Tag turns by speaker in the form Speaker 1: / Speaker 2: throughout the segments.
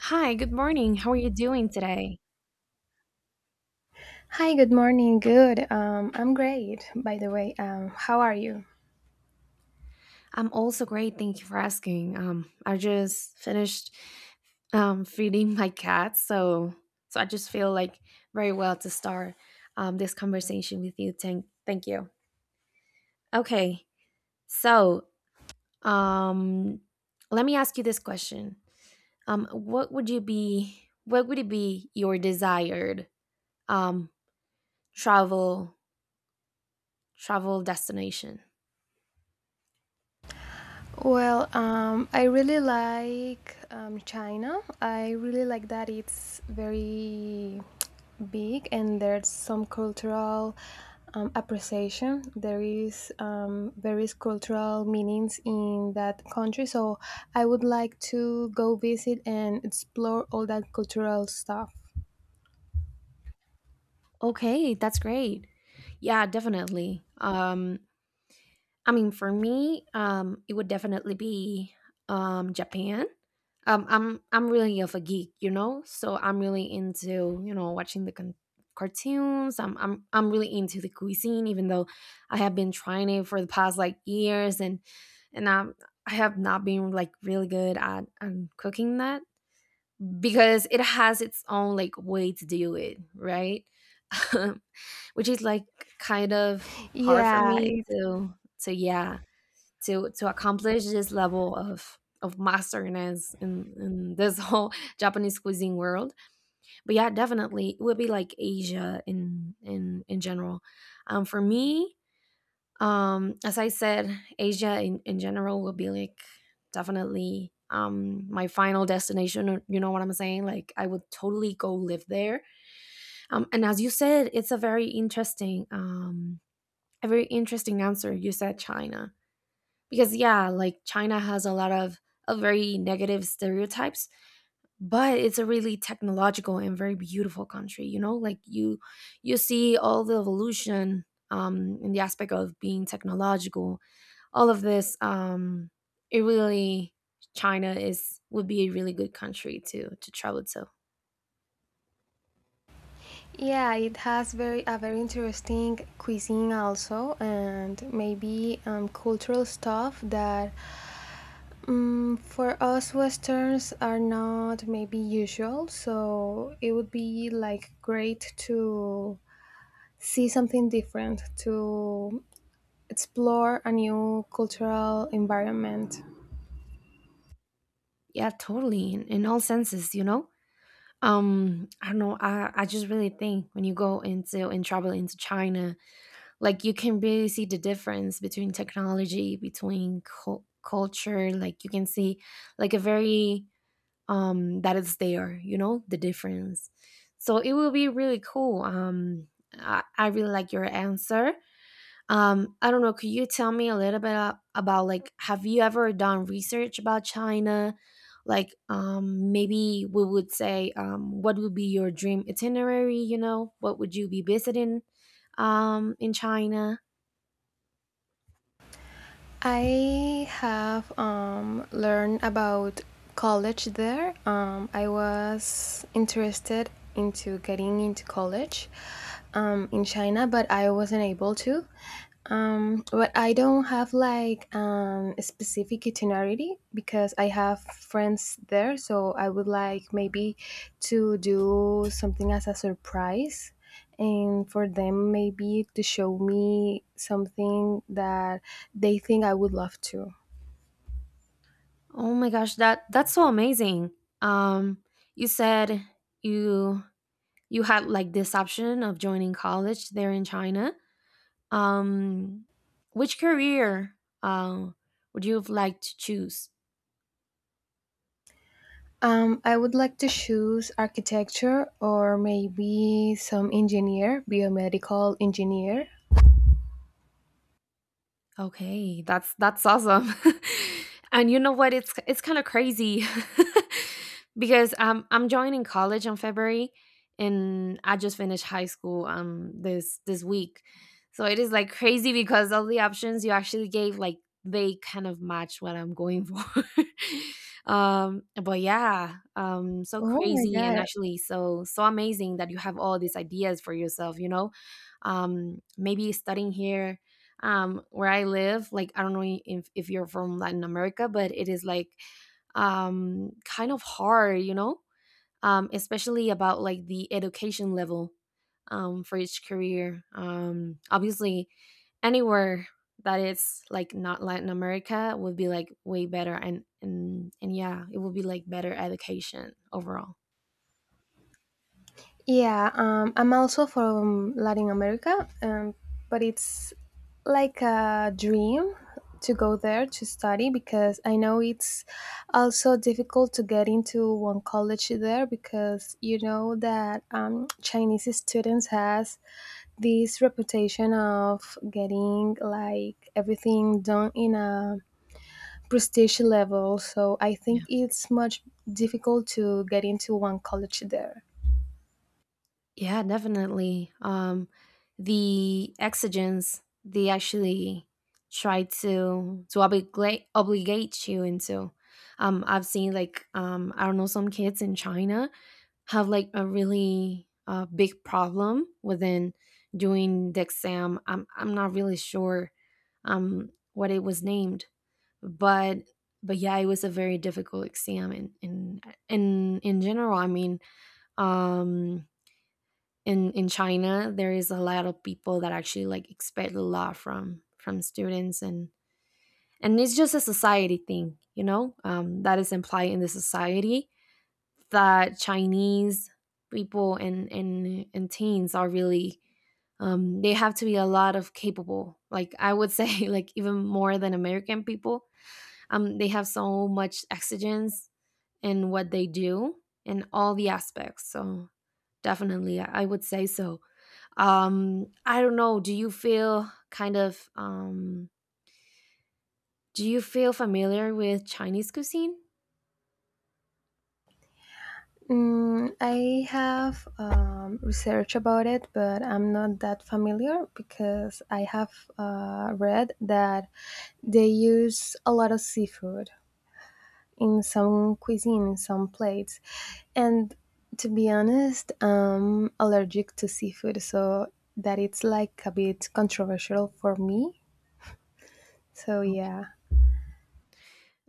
Speaker 1: Hi, good morning. How are you doing today?
Speaker 2: Hi, good morning. Good. I'm great, by the way. How are you?
Speaker 1: I'm also great. Thank you for asking. I just finished feeding my cat, so I just feel like very well to start this conversation with you. Thank you. Okay, so um, let me ask you this question. What would you be? What would it be your desired um, travel travel destination?
Speaker 2: Well, I really like China. I really like that it's very big and there's some cultural appreciation. There is various cultural meanings in that country. So I would like to go visit and explore all that cultural stuff.
Speaker 1: Okay, that's great. Yeah, definitely. I mean, for me, it would definitely be Japan. Um, I'm really of a geek, you know, so I'm really into watching the cartoons. I'm really into the cuisine, even though I have been trying it for the past like years, and I'm. I have not been like really good at cooking that because it has its own like way to do it, right? which is like kind of hard for
Speaker 2: Yeah,
Speaker 1: me to to yeah to accomplish this level of masterness in this whole Japanese cuisine world. But yeah, definitely it would be like Asia in general. For me, as I said, Asia in general will be like definitely my final destination. You know what I'm saying? Like I would totally go live there. And as you said, it's a very interesting a very interesting answer. You said China. Because yeah, like China has a lot of very negative stereotypes, but it's a really technological and very beautiful country, you know? Like you see all the evolution in the aspect of being technological. All of this it really China is would be a really good country to travel to.
Speaker 2: yeah, it has very a very interesting cuisine also, and maybe cultural stuff that for us Westerns are not maybe usual. So it would be like great to see something different, to explore a new cultural environment.
Speaker 1: Yeah, totally in all senses, you know? I don't know, I just really think when you go into and travel into China, like you can really see the difference between technology, between culture. Like you can see like a very that is there, you know, the difference. So it will be really cool. I really like your answer. I don't know, could you tell me a little bit about like, have you ever done research about China? Like maybe we would say, what would be your dream itinerary? You know, what would you be visiting in China?
Speaker 2: I have learned about college there. I was interested into getting into college in China, but I wasn't able to. But I don't have like a specific itinerary because I have friends there, so I would like maybe to do something as a surprise and for them maybe to show me something that they think I would love to.
Speaker 1: Oh my gosh, that's so amazing. Um, you said you you had like this option of joining college there in China. Um, which career uh would you have liked to choose?
Speaker 2: I would like to choose architecture or maybe some engineer, biomedical engineer.
Speaker 1: Okay, that's awesome. And you know what? It's kind of crazy because I'm joining college in February, and I just finished high school this this week, so it is like crazy because all the options you actually gave like they kind of match what I'm going for. But yeah, so
Speaker 2: Oh my
Speaker 1: crazy, and
Speaker 2: god,
Speaker 1: actually so so amazing that you have all these ideas for yourself. You know, maybe studying here where I live, like I don't know if you're from Latin America, but it is like kind of hard, you know, especially about like the education level for each career. Obviously, anywhere that it's like not Latin America would be like way better, and yeah, it would be like better education overall.
Speaker 2: yeah, I'm also from Latin America, but it's like a dream to go there to study because I know it's also difficult to get into one college there because you know that Chinese students has this reputation of getting like everything done in a prestige level. So I think it's much difficult to get into one college there.
Speaker 1: Yeah, definitely. The exigence they actually try to obligate you into. I've seen like I don't know, some kids in China have like a really big problem within doing the exam. I'm not really sure what it was named, but yeah, it was a very difficult exam. And in in general, I mean, um in China, there is a lot of people that actually like expect a lot from students, and it's just a society thing, you know, that is implied in the society that Chinese people and teens are really they have to be a lot of capable, like I would say, like even more than American people. They have so much exigence in what they do in all the aspects. So definitely, I would say so. I don't know. Do you feel kind of do you feel familiar with Chinese cuisine?
Speaker 2: Mm, I have researched about it, but I'm not that familiar because I have read that they use a lot of seafood in some cuisine, in some plates. And to be honest, I'm allergic to seafood, so that it's like a bit controversial for me. So yeah.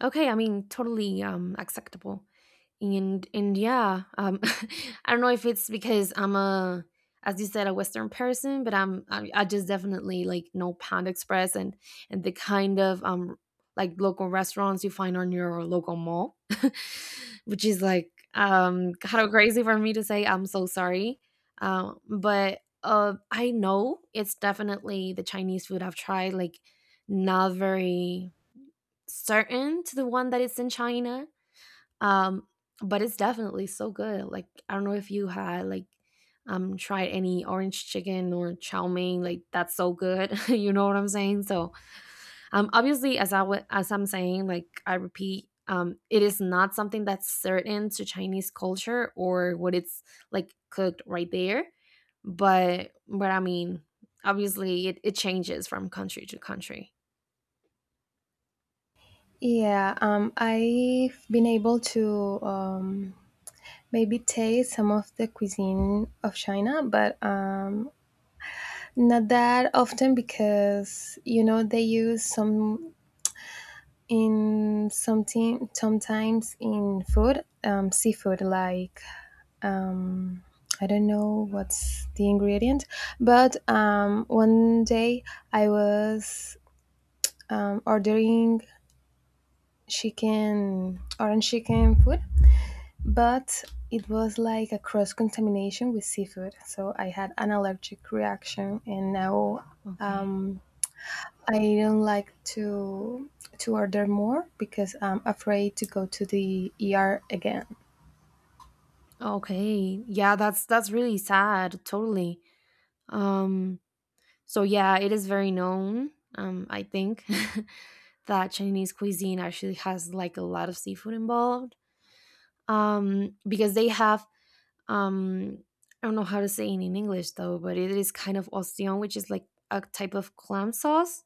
Speaker 1: Okay, I mean, totally acceptable, and yeah, I don't know if it's because I'm a, as you said, a Western person, but I just definitely like know Pound Express and the kind of like local restaurants you find on your local mall, which is like kind of crazy for me to say. I'm so sorry, but I know it's definitely the Chinese food I've tried, like not very certain to the one that is in China. Um, but it's definitely so good. Like I don't know if you had like tried any orange chicken or chow mein. Like that's so good. You know what I'm saying? So obviously, as as I'm saying, like I repeat, it is not something that's certain to Chinese culture or what it's like cooked right there. But I mean, obviously it changes from country to country.
Speaker 2: Yeah, I've been able to maybe taste some of the cuisine of China, but not that often because you know they use some in something sometimes in food seafood like um, I don't know what's the ingredient, but one day I was ordering chicken orange chicken food but it was like a cross contamination with seafood. So I had an allergic reaction, and now
Speaker 1: Okay.
Speaker 2: um, I don't like to order more because I'm afraid to go to the ER again.
Speaker 1: Okay. Yeah, that's really sad. Totally. Um so yeah, it is very known, I think that Chinese cuisine actually has like a lot of seafood involved. Because they have um I don't know how to say it in English though, but it is kind of ostión, which is like a type of clam sauce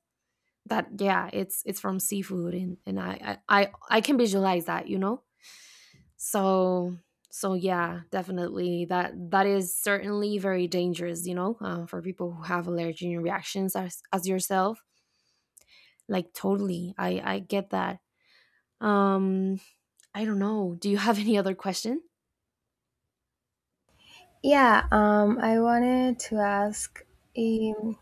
Speaker 1: that yeah, it's from seafood, and I can visualize that, you know? So yeah, definitely that is certainly very dangerous, you know, for people who have allergic reactions as yourself. Like totally, I get that. Um, I don't know. Do you have any other question?
Speaker 2: Yeah, I wanted to ask. Um,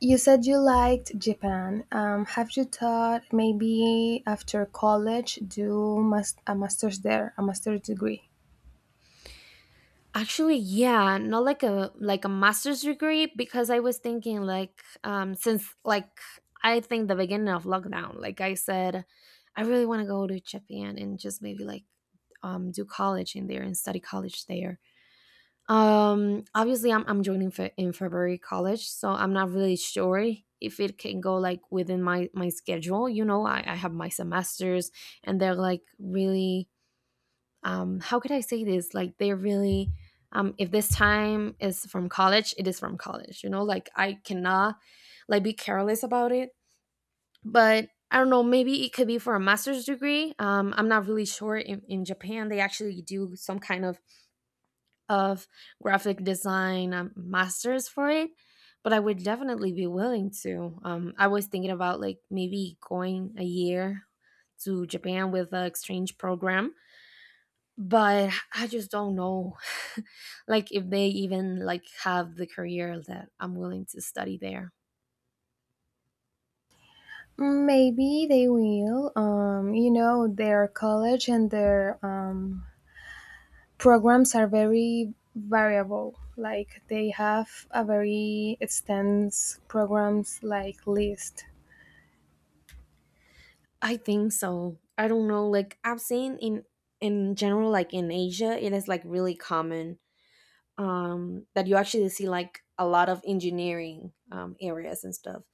Speaker 2: you said you liked Japan. Have you thought maybe after college do a master's there, a master's degree?
Speaker 1: Actually, yeah, not like a master's degree, because I was thinking like since like I think the beginning of lockdown, like I said, I really want to go to Japan and just maybe like do college in there and study college there. Obviously, I'm joining in February college, so I'm not really sure if it can go like within my my schedule. You know, I have my semesters, and they're like really how could I say this? Like they're really if this time is from college, it is from college. You know, like I cannot like be careless about it. But I don't know, maybe it could be for a master's degree. I'm not really sure. In Japan, they actually do some kind of of graphic design masters for it, but I would definitely be willing to. I was thinking about like maybe going a year to Japan with the exchange program, but I just don't know like if they even like have the career that I'm willing to study there.
Speaker 2: Maybe they will. You know, their college and their programs are very variable. Like they have a very extensive programs like list.
Speaker 1: I think so, I don't know. Like I've seen in general, like in Asia it is like really common, that you actually see like a lot of engineering areas and stuff.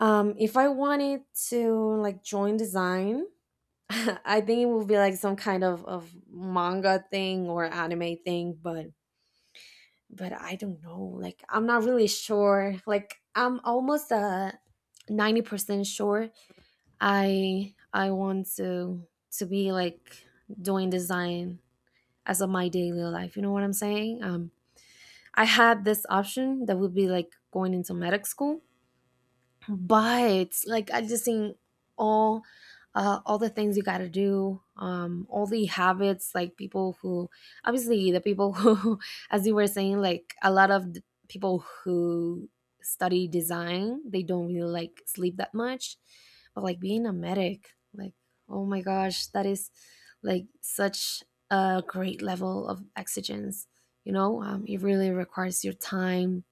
Speaker 1: If I wanted to like join design, I think it would be like some kind of manga thing or anime thing, but I don't know. Like I'm not really sure. Like I'm almost 90% sure I want to be like doing design as of my daily life. You know what I'm saying? I had this option that would be like going into medic school, but like I just think all all the things you got to do, all the habits, like people who obviously the people who as you were saying, like a lot of the people who study design, they don't really like sleep that much. But like being a medic, like oh my gosh, that is like such a great level of exigence, you know. It really requires your time,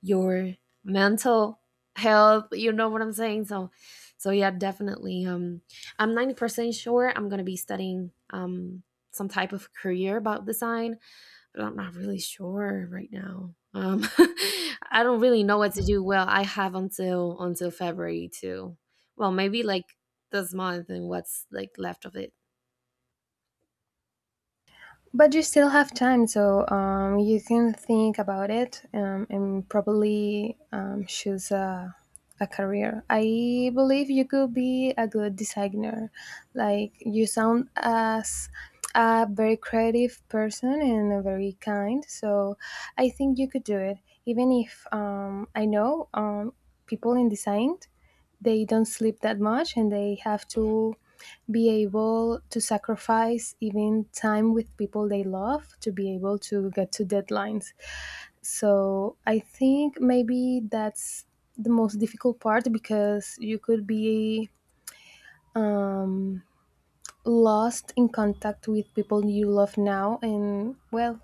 Speaker 1: your mental health, you know what I'm saying? So yeah, definitely I'm 90% sure I'm gonna be studying some type of career about design, but I'm not really sure right now. I don't really know what to do. Well, I have until February to, well, maybe like this month and what's like left of it.
Speaker 2: But you still have time, so you can think about it and probably choose a career. I believe you could be a good designer. Like you sound as a very creative person and a very kind, so I think you could do it. Even if I know people in design they don't sleep that much and they have to be able to sacrifice even time with people they love to be able to get to deadlines. So I think maybe that's the most difficult part because you could be um, lost in contact with people you love now, and well,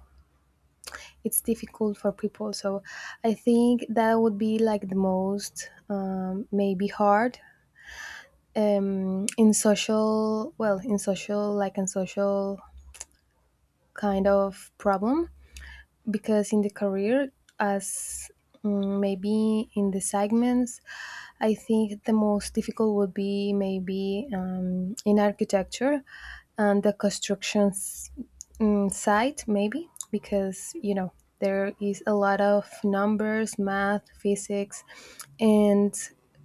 Speaker 2: it's difficult for people. So I think that would be like the most maybe hard in social kind of problem because in the career as maybe in the segments I think the most difficult would be maybe in architecture and the constructions side maybe because you know there is a lot of numbers, math, physics, and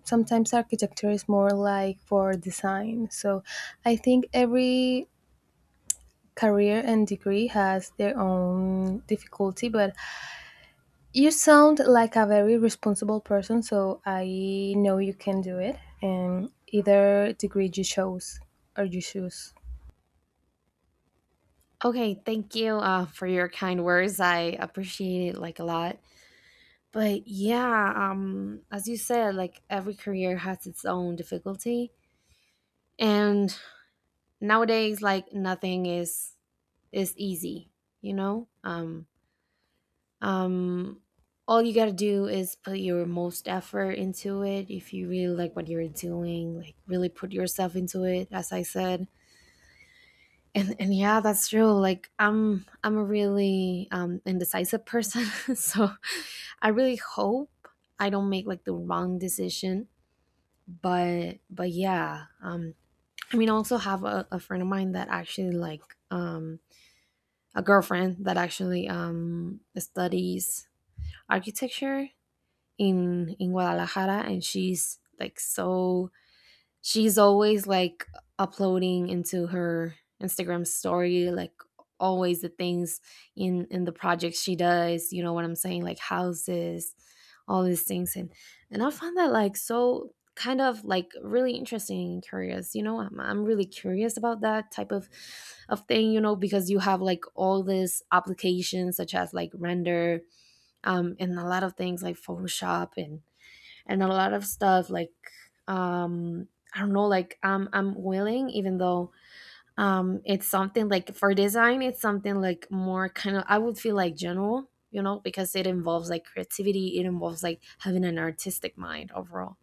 Speaker 2: sometimes architecture is more like for design. So I think every career and degree has their own difficulty, but you sound like a very responsible person, so I know you can do it. And either degree you chose or you choose.
Speaker 1: Okay, thank you for your kind words, I appreciate it like a lot. But yeah, as you said, like every career has its own difficulty, and nowadays, like nothing is easy. You know, um, all you gotta do is put your most effort into it. If you really like what you're doing, like really put yourself into it. As I said, and yeah, that's true. Like I'm a really indecisive person. So I really hope I don't make like the wrong decision, but yeah. I also have a friend of mine that actually like, um a girlfriend that actually studies architecture in Guadalajara, and she's like so— she's always, like, uploading into her Instagram story, like, always the things in the projects she does, you know what I'm saying? Like, houses, all these things, and I found that, like, so kind of, like, really interesting and curious, you know? I'm really curious about that type of thing, you know, because you have, like, all these applications such as, like, Render, and a lot of things like Photoshop and a lot of stuff like um I don't know, like I'm willing, even though it's something like for design, it's something like more kind of I would feel like general, you know, because it involves like creativity, it involves like having an artistic mind overall.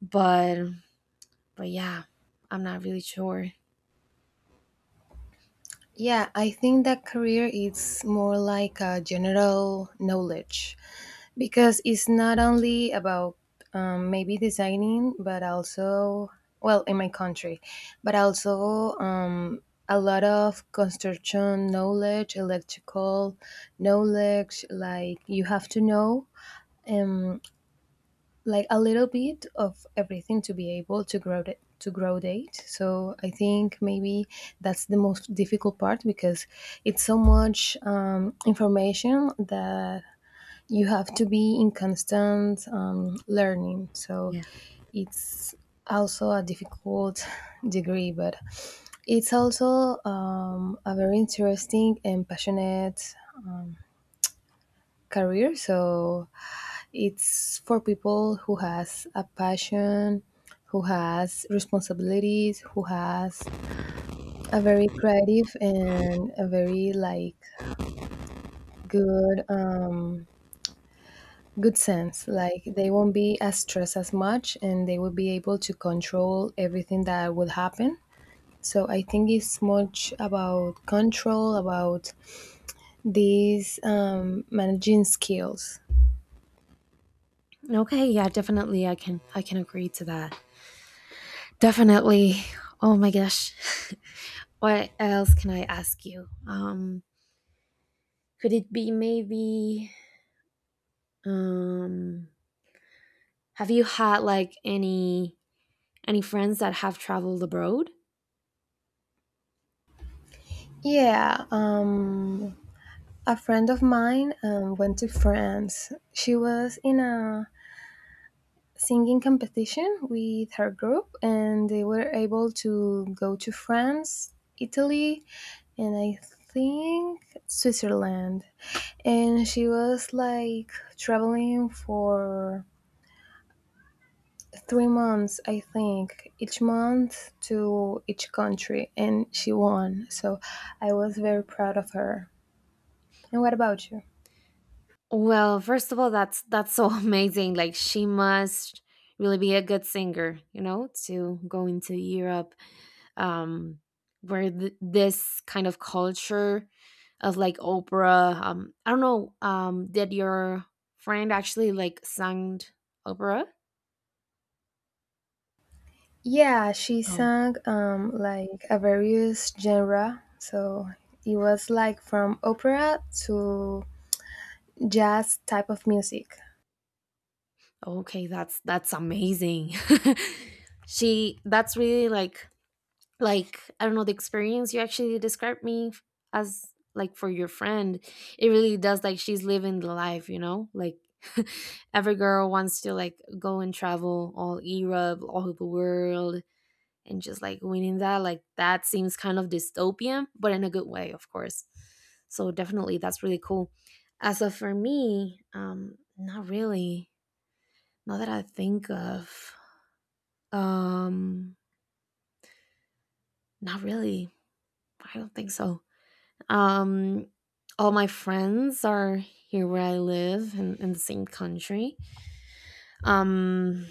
Speaker 1: But but yeah, I'm not really sure.
Speaker 2: Yeah, I think that career is more like a general knowledge because it's not only about maybe designing, but also, well, in my country, but also a lot of construction knowledge, electrical knowledge, like you have to know. Um, like a little bit of everything to be able to grow it to grow date. So I think maybe that's the most difficult part because it's so much information that you have to be in constant learning. So
Speaker 1: Yeah.
Speaker 2: it's also a difficult degree, but it's also a very interesting and passionate career. So it's for people who has a passion, who has responsibilities, who has a very creative and a very like good good sense. Like they won't be as stressed as much and they will be able to control everything that would happen. So I think it's much about control, about these managing skills.
Speaker 1: Okay, yeah, definitely I can agree to that. Definitely. Oh my gosh. What else can I ask you? Could it be maybe— Um, have you had like any friends that have traveled abroad?
Speaker 2: Yeah, a friend of mine went to France. She was in a singing competition with her group, and they were able to go to France, Italy, and I think Switzerland. And she was like traveling for 3 months, I think, each month to each country, and she won. So I was very proud of her. And what about you?
Speaker 1: Well, first of all, that's so amazing. Like she must really be a good singer, you know, to go into Europe, um, where this kind of culture of like opera. I don't know. Did your friend actually like sang opera?
Speaker 2: Yeah, she
Speaker 1: Oh,
Speaker 2: sang like a various genre. So it was like from opera to jazz type of music.
Speaker 1: okay, that's amazing. She, that's really like— like I don't know, the experience you actually described me as, like, for your friend, it really does. Like she's living the life, you know, like every girl wants to like go and travel all Europe, all over the world, and just like winning that, like that seems kind of dystopian, but in a good way, of course. So definitely that's really cool. As of for me, not really, not that I think of, um not really, I don't think so. Um, all my friends are here where I live, in the same country. Um,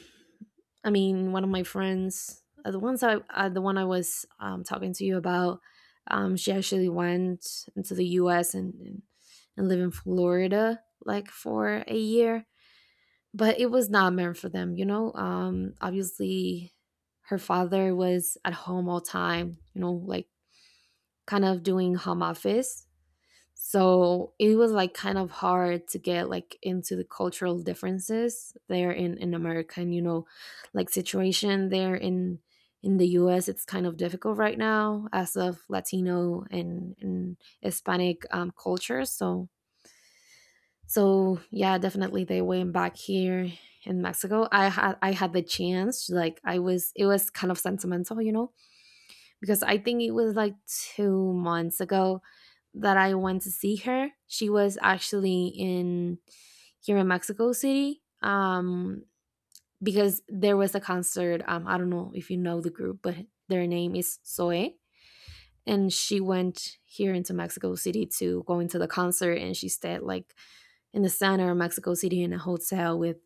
Speaker 1: I mean, one of my friends, the ones I, the one I was talking to you about, she actually went into the U.S. And live in Florida like for a year, but it was not meant for them, you know. Obviously, her father was at home all time, you know, like kind of doing home office. So it was like kind of hard to get like into the cultural differences there in America, and you know, like situation there in the US, it's kind of difficult right now as of Latino and Hispanic culture. So so yeah, definitely they went back here in Mexico. I had the chance, like I was, it was kind of sentimental, you know, because I think it was like 2 months ago that I went to see her. She was actually in— here in Mexico City, because there was a concert. I don't know if you know the group, but their name is Zoe. And she went here into Mexico City to go into the concert, and she stayed like in the center of Mexico City in a hotel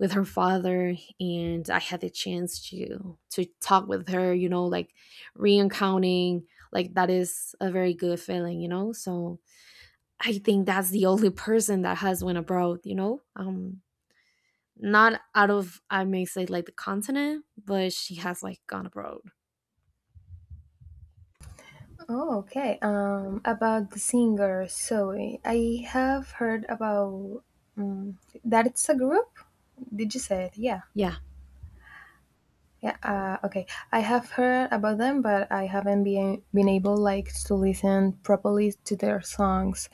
Speaker 1: with her father, and I had the chance to talk with her, you know, like reencountering, like that is a very good feeling, you know. So I think that's the only person that has went abroad, you know. Not out of, I may say, like the continent, but she has like gone abroad.
Speaker 2: Oh, okay. About the singer Zoe, I have heard about that. It's a group. Did you say it? Yeah.
Speaker 1: Yeah,
Speaker 2: Yeah. Okay. I have heard about them, but I haven't been able like to listen properly to their songs.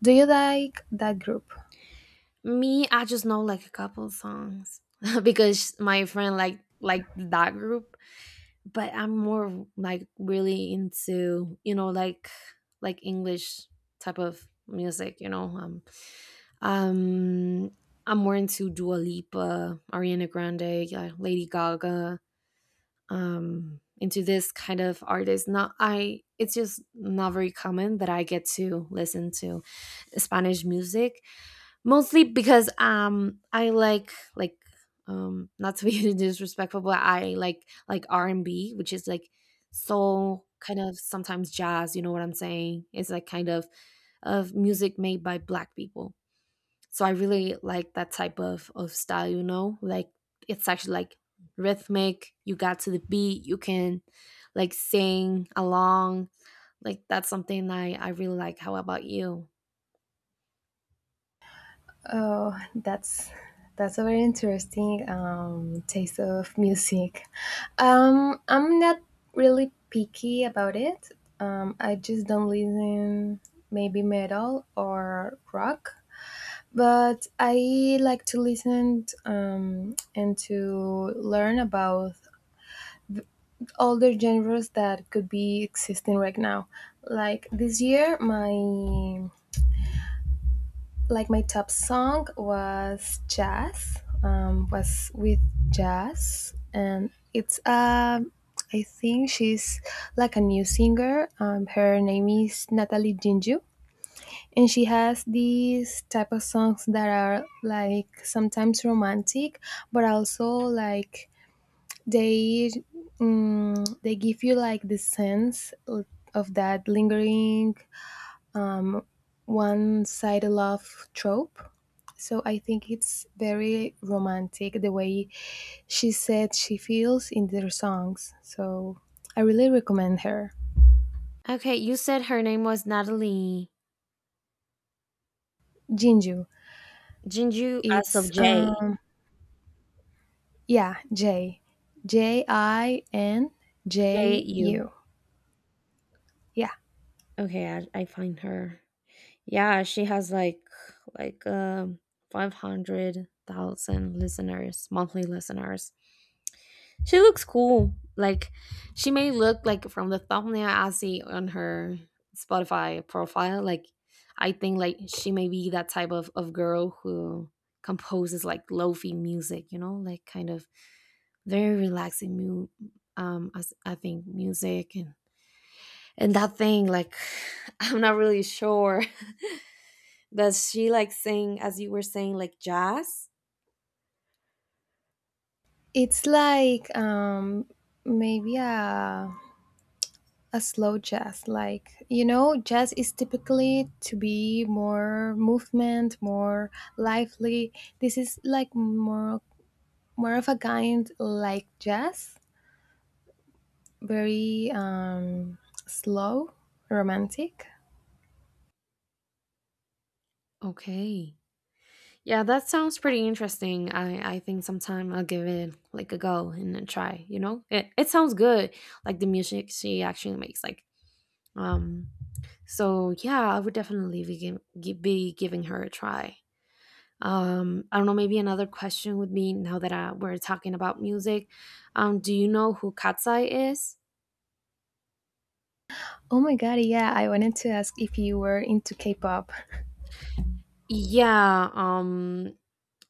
Speaker 2: Do you like that group?
Speaker 1: me, I just know like a couple songs because my friend like— like that group, but I'm more like really into, you know, like English type of music. You know, um, I'm more into Dua Lipa, Ariana Grande, yeah, Lady Gaga. Into this kind of artist. Not I. It's just not very common that I get to listen to Spanish music, mostly because I like, not to be disrespectful, but I like R&B, which is like soul, kind of sometimes jazz, you know what I'm saying, it's like kind of music made by black people. So I really like that type of style, you know, like it's actually like rhythmic, you got to the beat, you can like sing along. Like that's something I really like. How about you?
Speaker 2: Oh, that's a very interesting taste of music. I'm not really picky about it. I just don't listen maybe metal or rock, but I like to listen and to learn about all the genres that could be existing right now. Like this year, my like my top song was jazz, was with jazz, and it's I think she's like a new singer. Her name is Natalie Ginju, and she has these type of songs that are like sometimes romantic, but also like they they give you like the sense of that lingering um, one-sided love trope. So I think it's very romantic the way she said she feels in their songs. So I really recommend her.
Speaker 1: Okay, you said her name was Natalie
Speaker 2: Jinju.
Speaker 1: Jinju, as of
Speaker 2: It's
Speaker 1: J
Speaker 2: yeah, J. J I N
Speaker 1: J
Speaker 2: J
Speaker 1: U.
Speaker 2: U. Yeah.
Speaker 1: Okay, I find her. Yeah, she has like 500,000 listeners, monthly listeners. She looks cool. Like she may look like, from the thumbnail I see on her Spotify profile, like I think like she may be that type of girl who composes like lo-fi music, you know, like kind of very relaxing I, I think music and that thing like— I'm not really sure. Does she like sing, as you were saying, like jazz?
Speaker 2: It's like maybe a slow jazz. Like, you know, jazz is typically to be more movement, more lively. This is like more of a kind like jazz, very slow, romantic.
Speaker 1: Okay, yeah, that sounds pretty interesting. I think sometime I'll give it like a go and a try, you know, it sounds good, like the music she actually makes like, um so yeah, I would definitely be, be giving her a try. I don't know, maybe another question would be, now that we're talking about music, do you know who Katsai is?
Speaker 2: Oh my god, yeah, I wanted to ask if you were into K-pop.
Speaker 1: Yeah,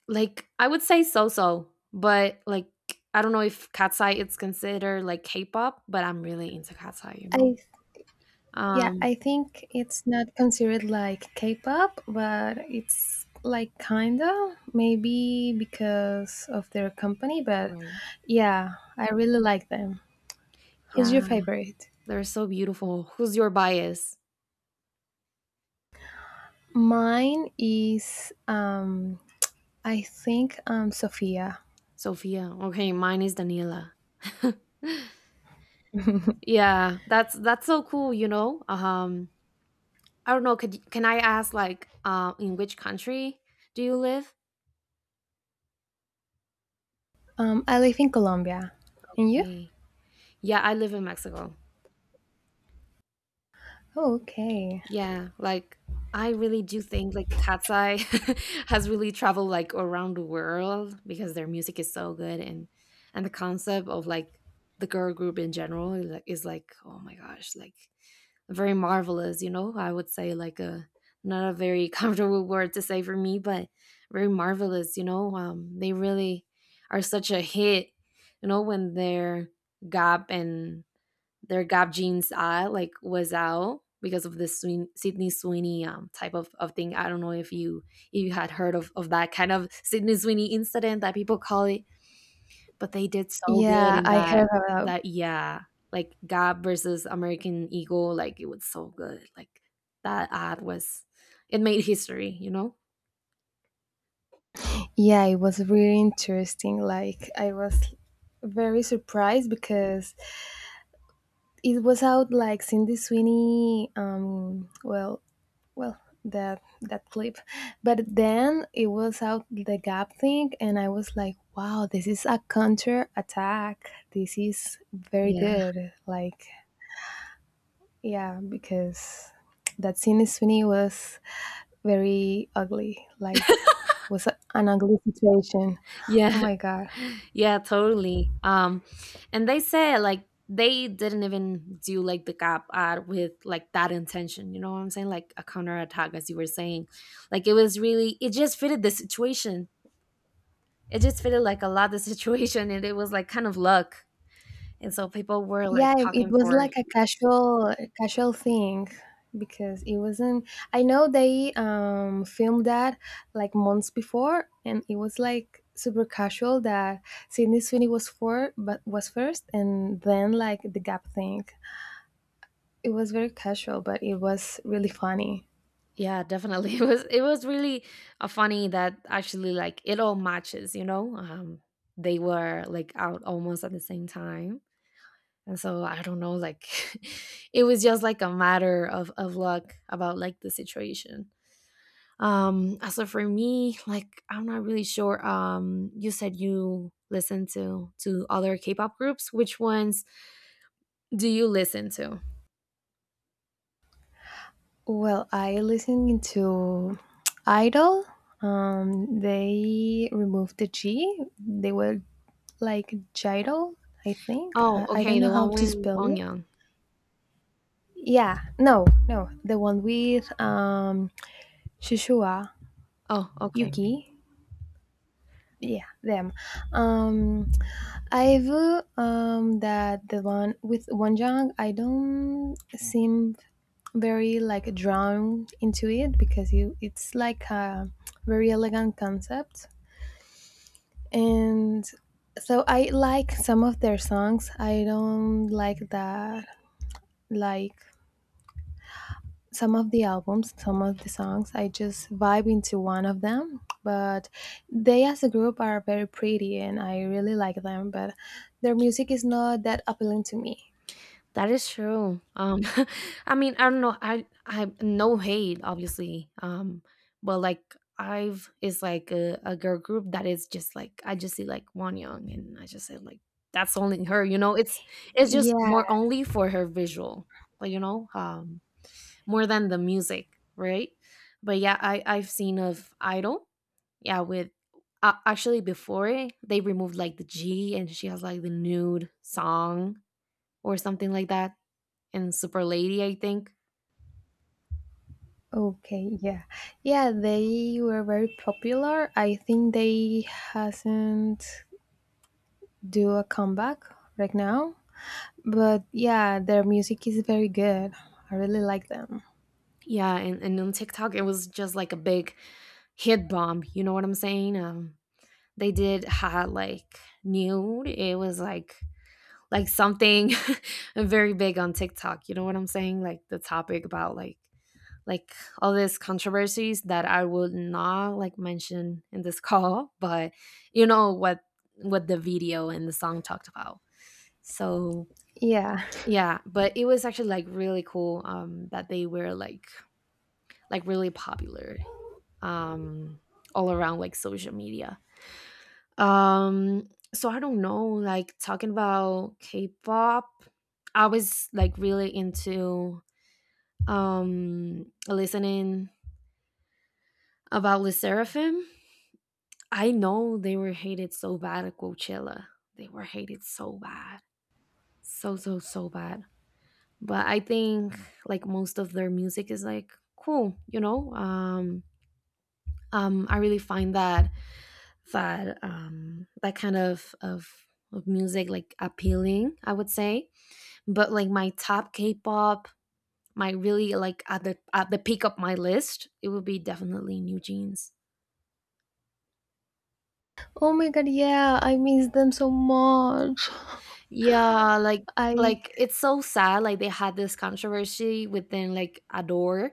Speaker 1: like, I would say so-so, but, like, I don't know if Katsai it's considered, like, K-pop, but I'm really into Katsai, you know?
Speaker 2: I yeah,
Speaker 1: Um.
Speaker 2: I think it's not considered like K-pop, but it's like kinda maybe because of their company, but
Speaker 1: Right.
Speaker 2: yeah, I really like them. Who's your
Speaker 1: Yeah,
Speaker 2: favorite?
Speaker 1: they're so beautiful. Who's your bias?
Speaker 2: Mine is I think Sofia.
Speaker 1: Sophia. Okay, mine is Daniela. Yeah, that's so cool, you know? I don't know, could y can I ask, like, in which country do you live?
Speaker 2: I live in Colombia. And you?
Speaker 1: Okay. Yeah, I live in Mexico.
Speaker 2: Oh, okay.
Speaker 1: Yeah, like I really do think like Cat's Eye has really traveled like around the world because their music is so good, and the concept of like the girl group in general is, like, oh my gosh, like very marvelous, you know? I would say like a— not a very comfortable word to say for me, but very marvelous, you know? They really are such a hit, you know, when their Gap and their Gap jeans ad like was out because of the Sydney Sweeney type of thing. I don't know if you, if you had heard of that kind of Sydney Sweeney incident that people call it, but they did so good
Speaker 2: Yeah,
Speaker 1: in
Speaker 2: I
Speaker 1: that—
Speaker 2: heard about.
Speaker 1: that yeah, like Gap versus American Eagle, like it was so good. Like that ad was— it made history, you know?
Speaker 2: Yeah, it was really interesting. Like I was very surprised because it was out like Cindy Sweeney. Well, that clip, but then it was out the Gap thing, and I was like, wow, this is a counter attack. This is very
Speaker 1: Yeah.
Speaker 2: good. Like, yeah, because that Cindy Sweeney was very ugly. Like, was an ugly situation. Oh
Speaker 1: Yeah.
Speaker 2: my god.
Speaker 1: Yeah, totally. And they said like they didn't even do like the Gap ad with like that intention. You know what I'm saying? Like a counterattack, as you were saying. Like it was really, it just fitted the situation. It just fitted like a lot the situation, and it was like kind of luck. And so people were like
Speaker 2: Yeah, it
Speaker 1: talking
Speaker 2: was
Speaker 1: for.
Speaker 2: like a casual casual thing because it wasn't. I know they filmed that like months before, and it was like super casual that Sydney Sweeney was for but was first and then like the gap thing. It was very casual but it was really funny.
Speaker 1: Yeah, definitely. It was really funny that actually like it all matches. You know, they were like out almost at the same time, and so I don't know, like it was just like a matter of luck about like the situation. As so for me, like I'm not really sure. You said you listen to other K-pop groups, which ones do you listen to?
Speaker 2: Well, I listened to Idol. They removed the G. They were like gyro, I think.
Speaker 1: Oh
Speaker 2: I don't
Speaker 1: okay,
Speaker 2: know
Speaker 1: the
Speaker 2: how
Speaker 1: one
Speaker 2: to
Speaker 1: with
Speaker 2: spell
Speaker 1: Wang
Speaker 2: it.
Speaker 1: Young.
Speaker 2: Yeah, no, no, the one with Shishua,
Speaker 1: Oh okay.
Speaker 2: Yuki. Yeah, them. Um, I've that the one with Wonjang. I don't seem very like drawn into it because you it's like a very elegant concept, and so I like some of their songs. I don't like that like some of the albums, some of the songs, I just vibe into one of them. But they as a group are very pretty and I really like them, but their music is not that appealing to me.
Speaker 1: That is true. I mean, I don't know. I no hate, obviously. But like I've is like a girl group that is just like I just see like one young, and I just say like that's only her. You know, it's just
Speaker 2: Yeah,
Speaker 1: more only for her visual. Like you know, more than the music, right? But yeah, I I've seen of Idol. Yeah, with actually before it, they removed like the G, and she has like the nude song or something like that, and Super Lady, I think.
Speaker 2: okay, yeah. Yeah, they were very popular. I think they hasn't do a comeback right now, but yeah, their music is very good. I really like them.
Speaker 1: Yeah, and on TikTok, it was just like a big hit bomb. You know what I'm saying? They did had like nude. It was like— like something very big on TikTok. You know what I'm saying? Like the topic about like all these controversies that I would not like mention in this call, but you know what the video and the song talked about. So
Speaker 2: Yeah.
Speaker 1: yeah, but it was actually like really cool that they were like really popular. um all around like social media. Um so I don't know, like talking about K-pop, I was like really into listening about Le Seraphim. I know they were hated so bad at Coachella. They were hated so bad. So so so bad. But I think like most of their music is like cool, you know? I really find that that kind of music like appealing, I would say. But like my top K-pop, my really like at the peak of my list, it would be definitely New Jeans.
Speaker 2: Oh my god, yeah, I miss them so much.
Speaker 1: Yeah,
Speaker 2: I
Speaker 1: like it's so sad, like they had this controversy within like Adore,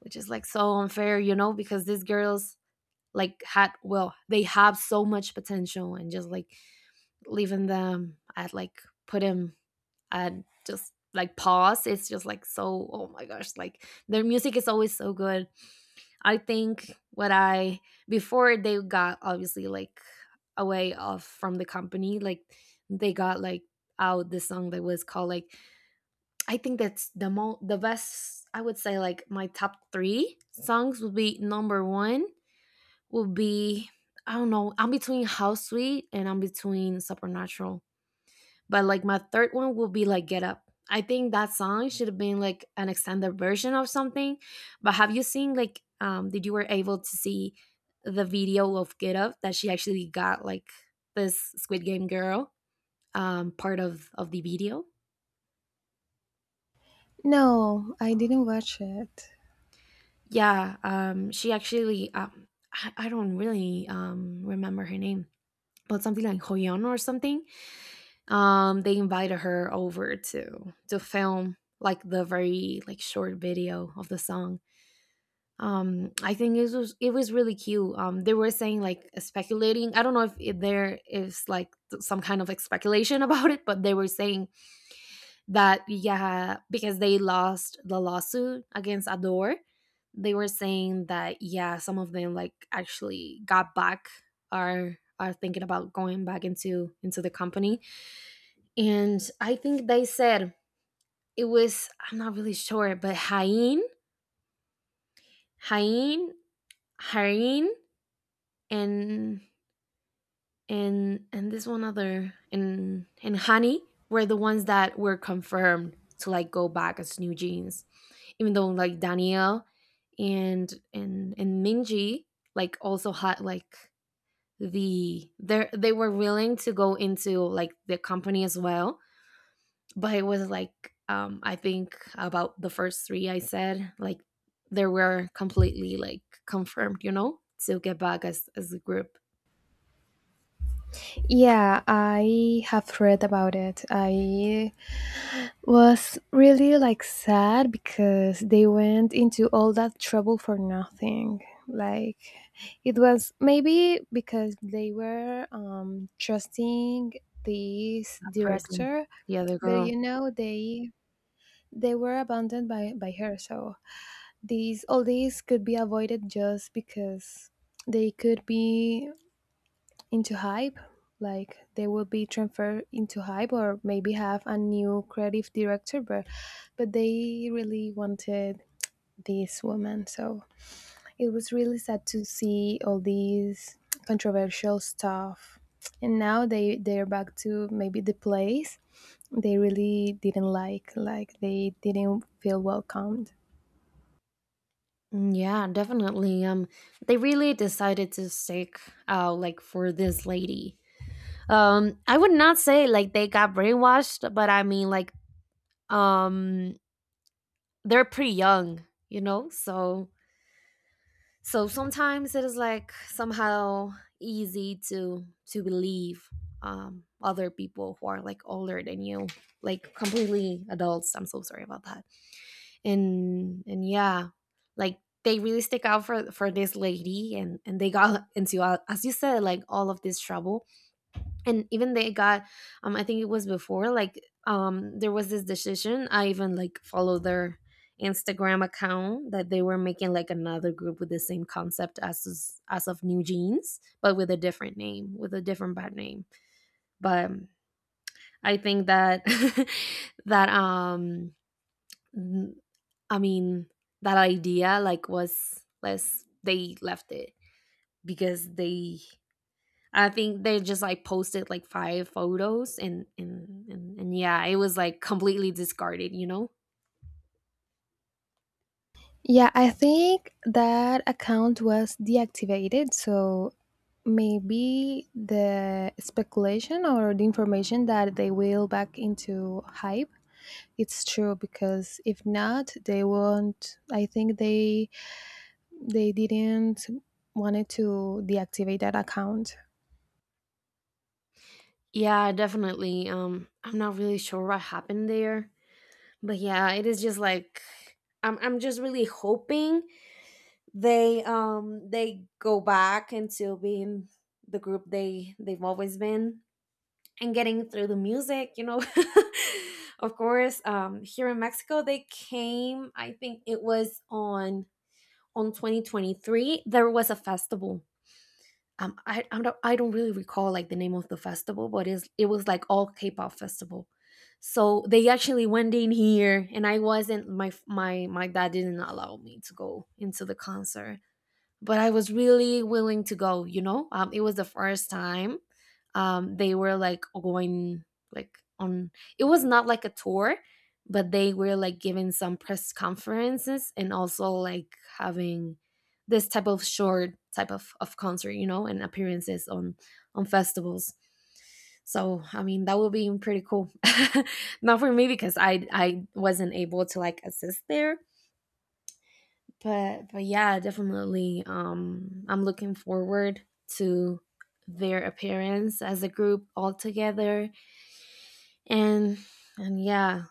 Speaker 1: which is like so unfair, you know, because these girls like had, well, they have so much potential and just like leaving them at, like put them, and just like pause, it's just like so, oh my gosh, like their music is always so good. I think what I, before they got obviously like away off from the company, like they got like out the song that was called like, I think that's the mo the best, I would say. Like my top three songs would be number one would be, I don't know, I'm between House Sweet and I'm between Supernatural. But like my third one will be like Get Up. I think that song should have been like an extended version of something. But have you seen like did you were able to see the video of Get Up that she actually got like this Squid Game girl part of the video?
Speaker 2: no, I didn't watch it.
Speaker 1: Yeah, she actually um I don't really remember her name, but something like Hoyeon or something. They invited her over to film like the very like short video of the song. I think it was, it was really cute. They were saying, like speculating, I don't know if it, there is like some kind of like speculation about it, but they were saying that, yeah, because they lost the lawsuit against Adore, they were saying that, yeah, some of them like actually got back, are thinking about going back into the company. And I think they said it was, I'm not really sure, but Hain, Hain, Harin, and and this one other and Honey were the ones that were confirmed to like go back as New Jeans, even though like Danielle and Minji like also had like the, they were willing to go into like the company as well. But it was like, I think about the first three, I said like they were completely like confirmed, you know, to get back as a group.
Speaker 2: Yeah, I have read about it. I was really like sad because they went into all that trouble for nothing. Like it was maybe because they were trusting this
Speaker 1: Person,
Speaker 2: director,
Speaker 1: the other
Speaker 2: but
Speaker 1: girl.
Speaker 2: you know they were abandoned by her. So these all these could be avoided just because they could be into Hype. Like they will be transferred into Hype or maybe have a new creative director, but they really wanted this woman. So it was really sad to see all these controversial stuff. And now they're back to maybe the place they really didn't like. Like they didn't feel welcomed.
Speaker 1: Mm, yeah, definitely. They really decided to stick out like for this lady. I would not say like they got brainwashed, but I mean, like, um they're pretty young, you know. So so sometimes it is like somehow easy to believe other people who are like older than you, like completely adults. I'm so sorry about that. And yeah, like they really stick out for this lady, and they got into as you said, like all of this trouble. And even they got, I think it was before, like, there was this decision, I even like followed their Instagram account that they were making like another group with the same concept as as of New Jeans, but with a different name, with a different bad name. But I think that that um. Mhm. I mean, that idea like was less, they left it because they, I think they just like posted like 5 photos and yeah, it was like completely discarded, you know?
Speaker 2: Yeah, I think that account was deactivated. So maybe the speculation or the information that they will back into hype, it's true, because if not they won't. I think they didn't wanted to deactivate that account.
Speaker 1: Yeah, definitely. I'm not really sure what happened there. But yeah, it is just like, I'm just really hoping they go back into being the group they've always been and getting through the music, you know. Of course, here in Mexico, they came. I think it was on 2023. There was a festival. I don't really recall like the name of the festival, but it's, it was like all K-pop festival. So they actually went in here, and I wasn't, my my dad didn't allow me to go into the concert, but I was really willing to go. You know, it was the first time they were like going like on. It was not like a tour, but they were like giving some press conferences and also like having this type of short type of concert, you know, and appearances on festivals. So I mean that would be pretty cool. Not for me because I wasn't able to like assist there, but yeah, definitely, I'm looking forward to their appearance as a group all together, and and yeah.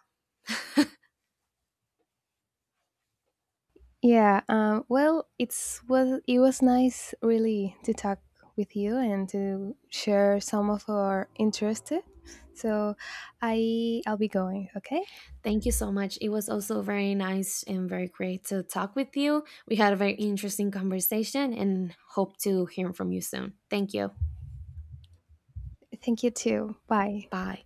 Speaker 2: Yeah, well, it was nice really to talk with you and to share some of our interests. So I I'll be going, okay?
Speaker 1: Thank you so much, it was also very nice and very great to talk with you. We had a very interesting conversation and hope to hear from you soon. Thank you.
Speaker 2: Thank you too. Bye.
Speaker 1: Bye.